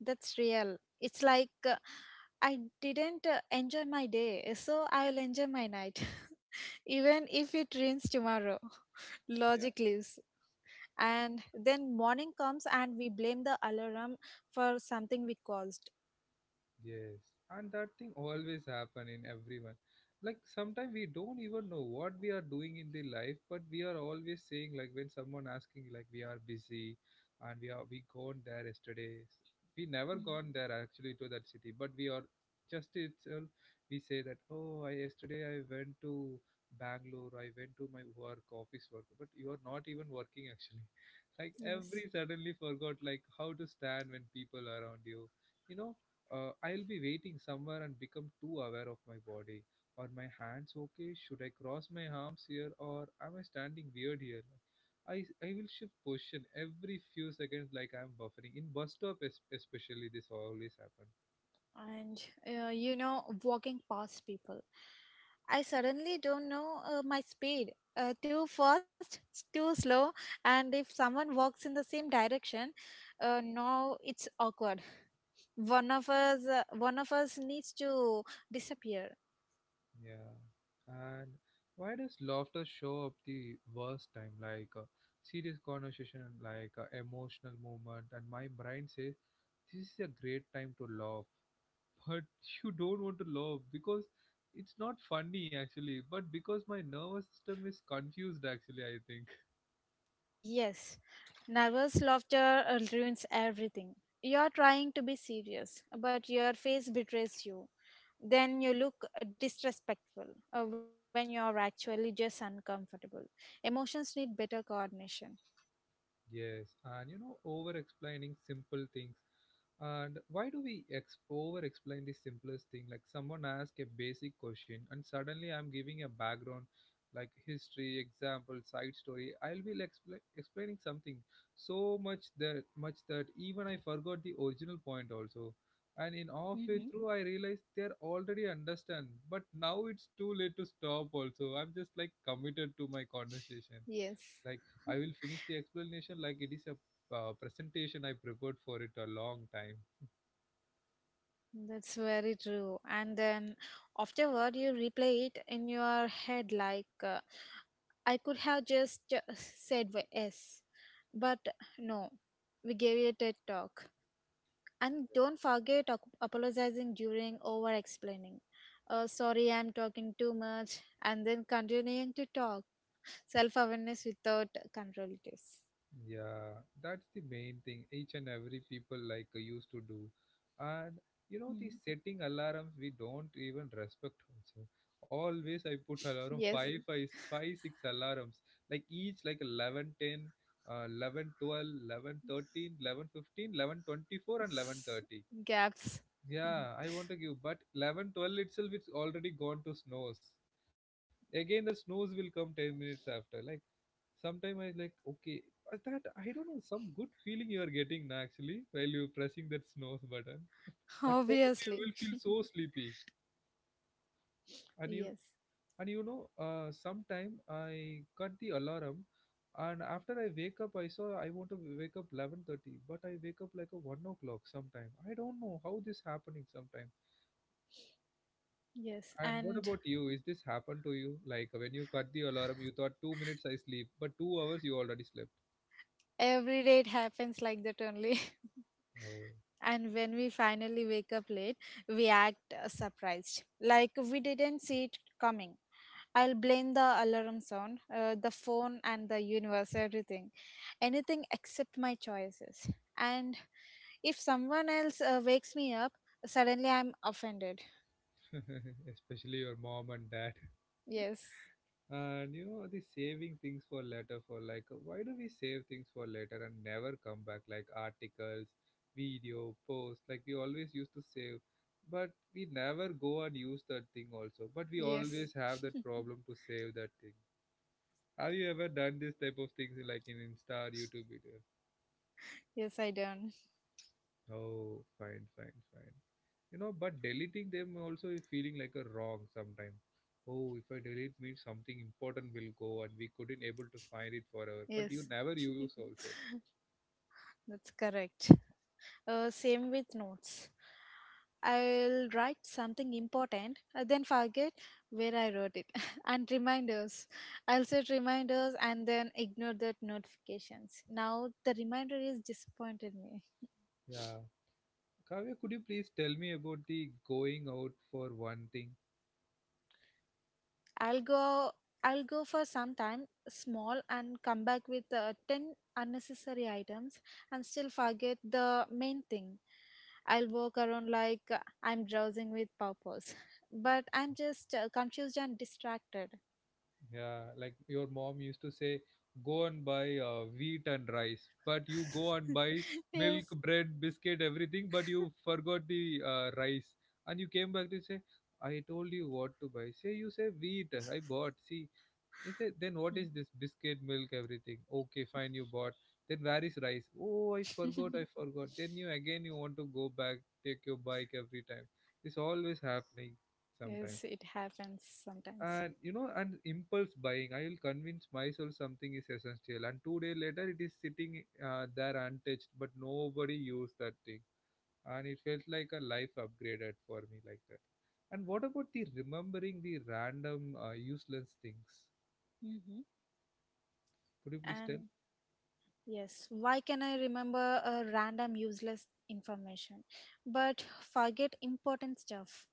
[SPEAKER 1] That's real. It's like uh, I didn't uh, enjoy my day, so I'll enjoy my night, even if it rains tomorrow. Logic lives. And then morning comes and we blame the alarm for something we caused.
[SPEAKER 2] Yes, and that thing always happen in everyone. Like sometimes we don't even know what we are doing in the life, but we are always saying like when someone asking, like we are busy, and we are we gone there yesterday. We never
[SPEAKER 1] Mm.
[SPEAKER 2] gone there actually to that city, but we are just itself, we say that, oh, I yesterday I went to Bangalore, I went to my work office work, but you are not even working actually. Like
[SPEAKER 1] Yes.
[SPEAKER 2] every suddenly forgot like how to stand when people around you, you know. uh, I'll be waiting somewhere and become too aware of my body. Are my hands okay? Should I cross my arms here or am I standing weird here? Like, I, I will shift position every few seconds like I'm buffering. In bus stop es- especially this always happen.
[SPEAKER 1] And uh, you know walking past people, I suddenly don't know uh, my speed, uh, too fast, s- too slow. And if someone walks in the same direction, uh, now it's awkward. One of us uh, one of us needs to disappear.
[SPEAKER 2] Yeah. And why does laughter show up the worst time? Like uh, serious conversation, like uh, emotional moment, and my brain says this is a great time to laugh. But you don't want to laugh because it's not funny actually, but because my nervous system is confused actually, I think.
[SPEAKER 1] Yes, nervous laughter uh, ruins everything. You're trying to be serious, but your face betrays you. Then you look uh, disrespectful uh, when you're actually just uncomfortable. Emotions need better coordination.
[SPEAKER 2] Yes, and you know, over explaining simple things. And why do we ex- over explain the simplest thing? Like someone asks a basic question, and suddenly I'm giving a background like history, example, side story. I'll be like, expla- explaining something so much that much that even I forgot the original point also. And in halfway
[SPEAKER 1] Hmm.
[SPEAKER 2] through, I realized they're already understand, but now it's too late to stop. Also, I'm just like committed to my conversation,
[SPEAKER 1] Yes.
[SPEAKER 2] like I will finish the explanation like it is a uh, presentation I prepared for it a long time.
[SPEAKER 1] That's very true. And then afterward, you replay it in your head like, uh, I could have just uh, said w- yes, but no, we gave you a TED talk. And don't forget ap- apologizing during over explaining. Uh, sorry, I'm talking too much, and then continuing to talk. Self awareness without control it is.
[SPEAKER 2] Yeah, that's the main thing each and every people like uh, used to do. And you know, the
[SPEAKER 1] Mm.
[SPEAKER 2] setting alarms, we don't even respect also. Always I put alarm
[SPEAKER 1] Yes,
[SPEAKER 2] five, five, five, six alarms, like each, like eleven, ten, 10 uh, eleven twelve, eleven, thirteen, eleven, fifteen, eleven, twenty-four, and eleven thirty.
[SPEAKER 1] gaps. Mhm.
[SPEAKER 2] Yeah, I want to give, but eleven twelve itself, it's already gone to snooze. Again, the snooze will come ten minutes after. Like, sometime I like, okay, uh, that I don't know, some good feeling you are getting now, actually, while you're pressing that snooze button. That time only you
[SPEAKER 1] Obviously,
[SPEAKER 2] will feel so sleepy. And you,
[SPEAKER 1] yes.
[SPEAKER 2] and you know, uh, sometime I cut the alarm, and after I wake up, I saw I want to wake up eleven thirty, but I wake up like a one o'clock sometime. I don't know how this happening sometime.
[SPEAKER 1] Yes,
[SPEAKER 2] And what
[SPEAKER 1] and
[SPEAKER 2] about you? Is this happened to you? Like when you cut the alarm, you thought two minutes I sleep, but two hours you already slept.
[SPEAKER 1] every day it happens like that only.
[SPEAKER 2] Oh,
[SPEAKER 1] And when we finally wake up late, we act uh, surprised, like we didn't see it coming. I'll blame the alarm sound, uh, the phone, and the universe, everything, anything except my choices. And if someone else uh, wakes me up, suddenly I'm offended.
[SPEAKER 2] especially your mom and dad.
[SPEAKER 1] Yes,
[SPEAKER 2] And you know, the saving things for later, for like, why do we save things for later and never come back? Like articles, video, posts, like we always used to save, but we never go and use that thing also. But we
[SPEAKER 1] yes,
[SPEAKER 2] always have that problem to save that thing. Have you ever done this type of things like in Insta or YouTube video?
[SPEAKER 1] yes, I don't.
[SPEAKER 2] Oh, fine, fine, fine. You know, but deleting them also is feeling like a wrong sometimes. Oh, if I delete means something important will go and we couldn't able to find it forever. But you
[SPEAKER 1] Yes,
[SPEAKER 2] never use also.
[SPEAKER 1] that's correct. Uh, same with notes. I'll write something important, uh, then forget where I wrote it. And reminders. I'll set reminders and then ignore the notifications. Now the reminder is disappointed me.
[SPEAKER 2] Yeah. Kavya, could you please tell me about the going out for one thing?
[SPEAKER 1] I'll go. I'll go for some time small and come back with uh, ten unnecessary items and still forget the main thing. I'll walk around like uh, I'm drowsing with purpose, but I'm just uh, confused and distracted.
[SPEAKER 2] Yeah, like your mom used to say, go and buy uh, wheat and rice, but you go and buy milk,
[SPEAKER 1] Yes.
[SPEAKER 2] bread, biscuit, everything, but you forgot the uh, rice. And you came back to say, I told you what to buy. Say, you say wheat, I bought. See, he said, then what
[SPEAKER 1] Mm.
[SPEAKER 2] is this biscuit, milk, everything? Okay, fine, you bought. Then where is rice? Oh, I forgot, I forgot. Then you again you want to go back, take your bike every time. It's always happening sometimes,
[SPEAKER 1] Yes, it happens sometimes.
[SPEAKER 2] and you know, and impulse buying, I will convince myself something is essential and two days later it is sitting uh, there untouched, but nobody used that thing, and it felt like a life upgraded for me like that. And what about the remembering the random uh, useless things?
[SPEAKER 1] Hmm.
[SPEAKER 2] Could you please tell?
[SPEAKER 1] And yes, why can I remember a random useless information but forget important stuff?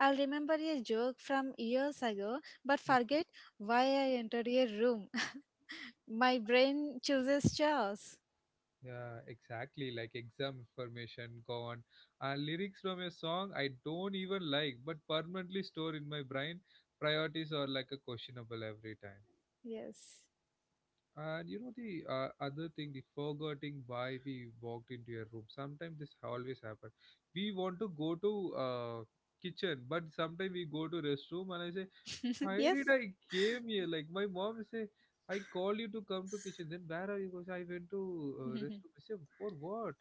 [SPEAKER 1] I'll remember a joke from years ago but forget why I entered a room. My brain chooses chaos.
[SPEAKER 2] Yeah, exactly, like exam information gone and lyrics from a song I don't even like but permanently stored in my brain. Priorities are like a questionable every time.
[SPEAKER 1] Yes.
[SPEAKER 2] And you know the uh, other thing, the forgetting why we walked into a room. Sometimes this always happen. We want to go to uh, kitchen, but sometimes we go to restroom, and I say, why did
[SPEAKER 1] Yes.
[SPEAKER 2] I came here? Like my mom say, I call you to come to kitchen. Then where are you? Goes, I went to uh, rest. Room. I say, for what?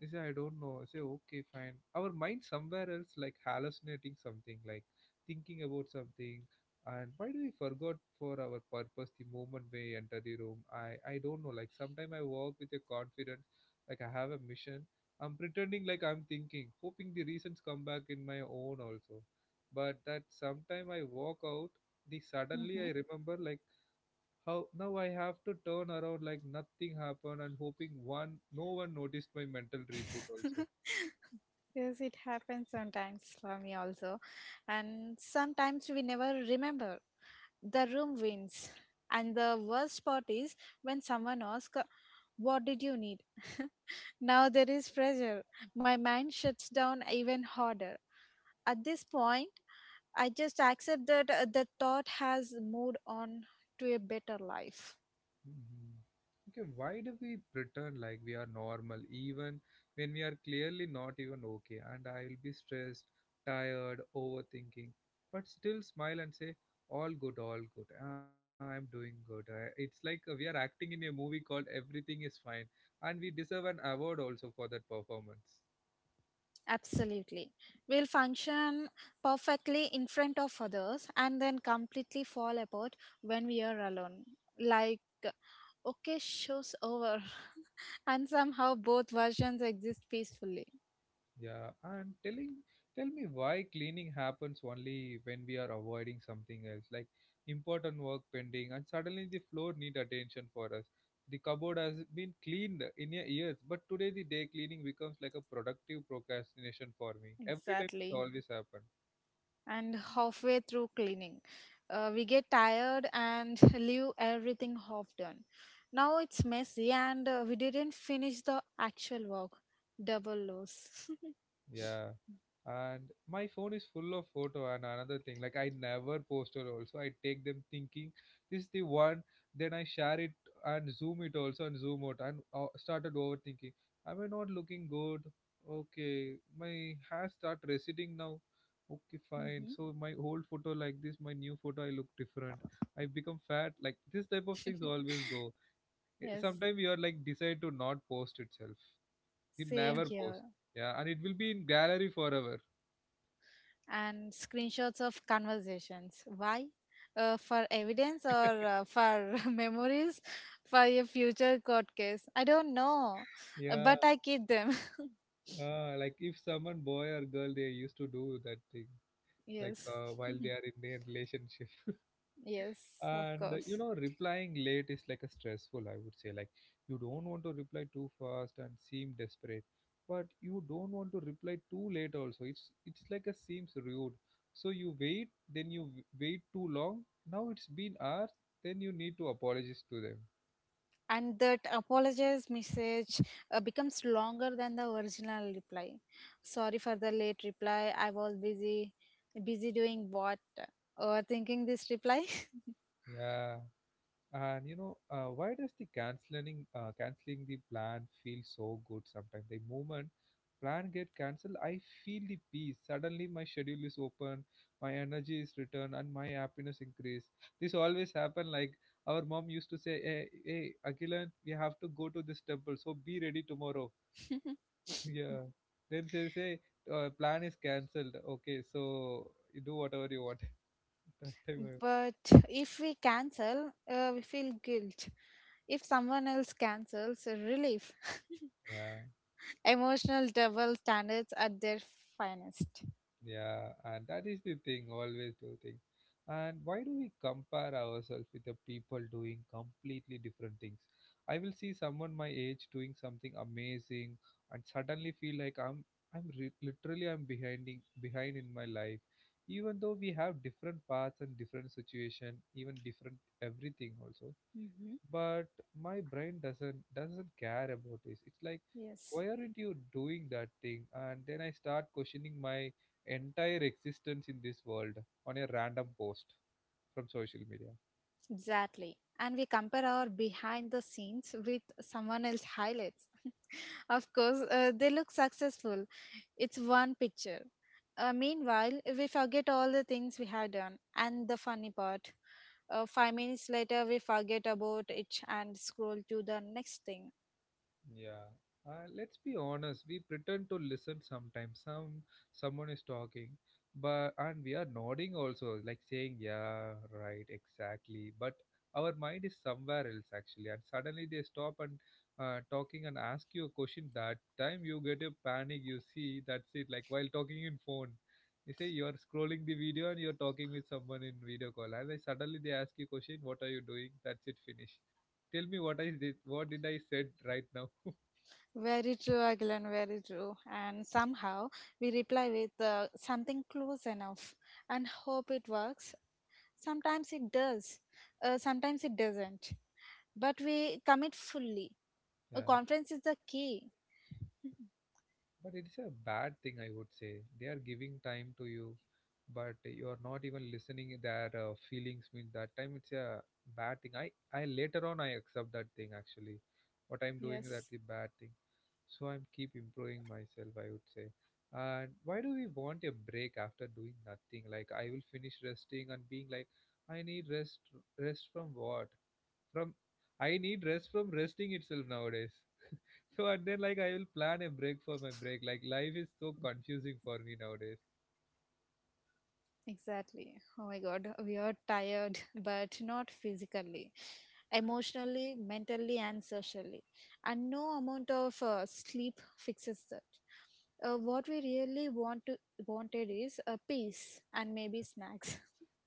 [SPEAKER 2] He say, I don't know. I say, okay, fine. Our mind somewhere else, like hallucinating something, like thinking about something. And why do we forgot for our purpose the moment we enter the room? I I don't know. Like sometime I walk with a confidence, like I have a mission. I'm pretending like I'm thinking, hoping the reasons come back in my own also, but that sometime I walk out, the suddenly
[SPEAKER 1] Hmm.
[SPEAKER 2] I remember, like how now I have to turn around like nothing happened and hoping one no one noticed my mental reboot also.
[SPEAKER 1] Yes, it happens sometimes for me also. And sometimes we never remember. The room wins. And the worst part is when someone asks, "What did you need?" Now there is pressure. My mind shuts down even harder. At this point, I just accept that uh, the thought has moved on to a better life.
[SPEAKER 2] Mhm. Okay, why do we pretend like we are normal even when we are clearly not even okay? And I'll be stressed, tired, overthinking, but still smile and say, all good, all good. Ah, I'm doing good. Uh, It's like uh, we are acting in a movie called Everything is Fine, and we deserve an award also for that performance.
[SPEAKER 1] Absolutely. We'll function perfectly in front of others and then completely fall apart when we are alone. Like, okay, show's over. And somehow both versions exist peacefully.
[SPEAKER 2] Yeah, and telling tell me why cleaning happens only when we are avoiding something else, like important work pending, and suddenly the floor need attention for us. The cupboard has been cleaned in a years, but today the day cleaning becomes like a productive procrastination for me. Every time it
[SPEAKER 1] Exactly.
[SPEAKER 2] always happen.
[SPEAKER 1] And halfway through cleaning, uh, we get tired and leave everything half done. Now it's messy and uh, we didn't finish the actual work. Double loss.
[SPEAKER 2] Yeah. And my phone is full of photo and another thing. Like I never post it also. I take them thinking this is the one. Then I share it and zoom it also and zoom out and uh, started overthinking. Am I not looking good? Okay, my hair start receding now. Okay,
[SPEAKER 1] Mhm.
[SPEAKER 2] fine. So my old photo like this, my new photo I look different. I become fat. Like this type of things always go.
[SPEAKER 1] Yes,
[SPEAKER 2] Sometimes you are like decide to not post itself. He
[SPEAKER 1] same
[SPEAKER 2] never
[SPEAKER 1] here.
[SPEAKER 2] posts. Yeah, and it will be in gallery forever.
[SPEAKER 1] And screenshots of conversations. Why? Uh, for evidence or uh, for memories, for a future court case? I don't know, uh,
[SPEAKER 2] Yeah,
[SPEAKER 1] but I keep them.
[SPEAKER 2] uh, like if someone boy or girl they used to do that thing, like
[SPEAKER 1] Yes,
[SPEAKER 2] uh, while they are in their relationship.
[SPEAKER 1] yes, of
[SPEAKER 2] and uh, you
[SPEAKER 1] course.
[SPEAKER 2] know, replying late is like a stressful, I would say, like you don't want to reply too fast and seem desperate, but you don't want to reply too late also, it's it's like a seems rude. So you wait, then you w- wait too long, now it's been hours, then you need to apologize to them.
[SPEAKER 1] And that apologize message uh, becomes longer than the original reply. Sorry for the late reply. I was busy. Busy doing what? Or thinking this reply?
[SPEAKER 2] Yeah. And you know, uh, why does the canceling uh, canceling the plan feel so good sometimes? The moment plan get cancelled, I feel the peace. Suddenly, my schedule is open, my energy is returned, and my happiness increase. This always happen. Like our mom used to say, "Hey, hey, Akilan, we have to go to this temple, so be ready tomorrow." yeah. Then she say, uh, "Plan is cancelled. Okay, so you do whatever you want." that time, I-
[SPEAKER 1] But if we cancel, uh, we feel guilt. If someone else cancels, relief.
[SPEAKER 2] yeah.
[SPEAKER 1] Emotional double standards at their finest.
[SPEAKER 2] Yeah, and that is the thing, always do thing. And why do we compare ourselves with the people doing completely different things? I will see someone my age doing something amazing and suddenly feel like I'm I'm re- literally I'm behinding behind in my life. Even though we have different paths and different situation, even different everything also,
[SPEAKER 1] Hmm.
[SPEAKER 2] but my brain doesn't doesn't care about this, it's like
[SPEAKER 1] Yes.
[SPEAKER 2] why aren't you doing that thing, and then I start questioning my entire existence in this world on a random post from social media.
[SPEAKER 1] Exactly. And we compare our behind the scenes with someone else's highlights. Of course, uh, they look successful. It's one picture. Uh, meanwhile, we forget all the things we have done and the funny part. Uh, five minutes later, we forget about it and scroll to the next thing.
[SPEAKER 2] Yeah. Uh, let's be honest. We pretend to listen sometimes. Some someone is talking, but and we are nodding also, like saying, "Yeah, right, exactly." But our mind is somewhere else actually, and suddenly they stop and uh, talking and ask you a question. That time you get a panic. You see, that's it. Like while talking in phone, you say you are scrolling the video and you're talking with someone in video call, and then suddenly they ask you question, "What are you doing?" That's it. Finish. Tell me what I did. What did I said right now?
[SPEAKER 1] Very true, Agilan, very true. And somehow we reply with uh, something close enough and hope it works. Sometimes it does, uh, sometimes it doesn't. But we commit fully. A
[SPEAKER 2] Yeah,
[SPEAKER 1] conference is the key.
[SPEAKER 2] but it's a bad thing, I would say. They are giving time to you, but you are not even listening their uh, feelings. Mean that time it's a bad thing. I I later on I accept that thing actually. What I'm doing that
[SPEAKER 1] Yes.
[SPEAKER 2] the bad thing. So I'm keep improving myself. I would say. And why do we want a break after doing nothing? Like I will finish resting and being like, I need rest. Rest from what? From I need rest from resting itself nowadays. So and then like I will plan a break for my break. Like life is so confusing for me nowadays.
[SPEAKER 1] Exactly. Oh my God, we are tired, but not physically, emotionally, mentally, and socially. And no amount of uh, sleep fixes that. Uh, what we really want to wanted is a peace and maybe snacks.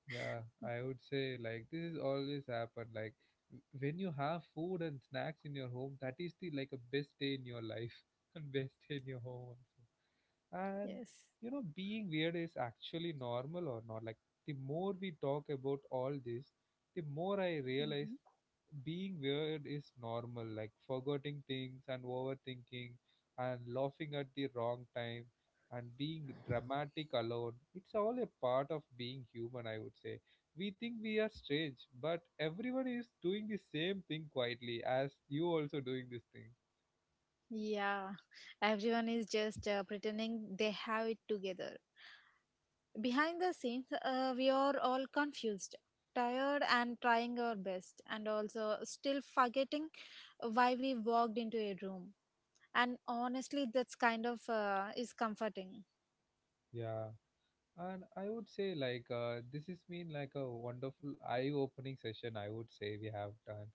[SPEAKER 2] Yeah, I would say like this is always happen. Like w- when you have food and snacks in your home, that is the like a best day in your life and best day in your home also. And
[SPEAKER 1] Yes.
[SPEAKER 2] you know, being weird is actually normal or not. Like, the more we talk about all this, the more I realize
[SPEAKER 1] Hmm.
[SPEAKER 2] being weird is normal. Like, forgetting things and overthinking and laughing at the wrong time and being dramatic alone. It's all a part of being human, I would say. We think we are strange, but everyone is doing the same thing quietly as you also doing this thing.
[SPEAKER 1] Yeah, everyone is just uh, pretending they have it together. Behind the scenes, uh, we are all confused, tired, and trying our best, and also still forgetting why we walked into a room. And honestly, that's kind of uh, is comforting.
[SPEAKER 2] Yeah. And I would say like uh, this has been like a wonderful eye-opening session. I would say we have done,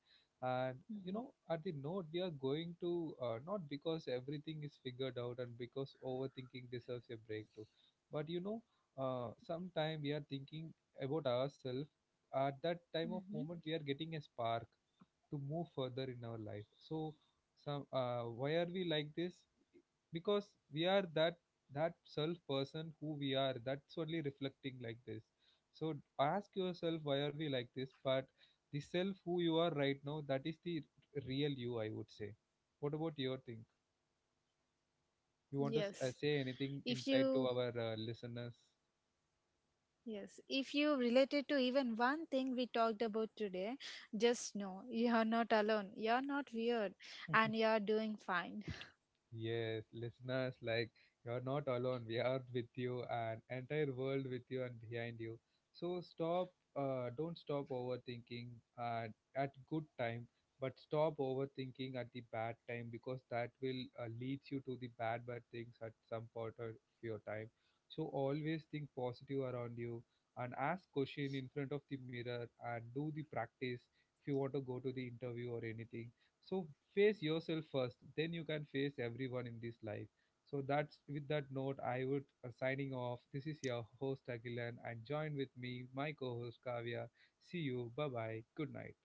[SPEAKER 2] and you know, at the note we are going to uh, not because everything is figured out and because overthinking deserves a break too, but you know, uh, sometime we are thinking about ourselves. At that time of
[SPEAKER 1] Mm-hmm.
[SPEAKER 2] moment, we are getting a spark to move further in our life. So, some uh, why are we like this? Because we are that that self person who we are, that's only reflecting like this. So ask yourself why are we like this, but the self who you are right now, that is the r- real you, I would say. What about your thing? You want to s-
[SPEAKER 1] Yes.
[SPEAKER 2] uh, say anything
[SPEAKER 1] If
[SPEAKER 2] inside
[SPEAKER 1] you
[SPEAKER 2] to our uh, listeners?
[SPEAKER 1] Yes, if you related to even one thing we talked about today, just know you are not alone. You are not weird, and you are doing fine.
[SPEAKER 2] Yes, listeners, like you're not alone. We are with you and entire world with you and behind you. So stop, uh, don't stop overthinking at, at good time, but stop overthinking at the bad time because that will uh, lead you to the bad, bad things at some part of your time. So always think positive around you and ask question in front of the mirror and do the practice if you want to go to the interview or anything. So face yourself first, then you can face everyone in this life. So that's with that note I would uh, signing off. This is your host Agilan and join with me my co-host Kavya. See you, bye bye, good night.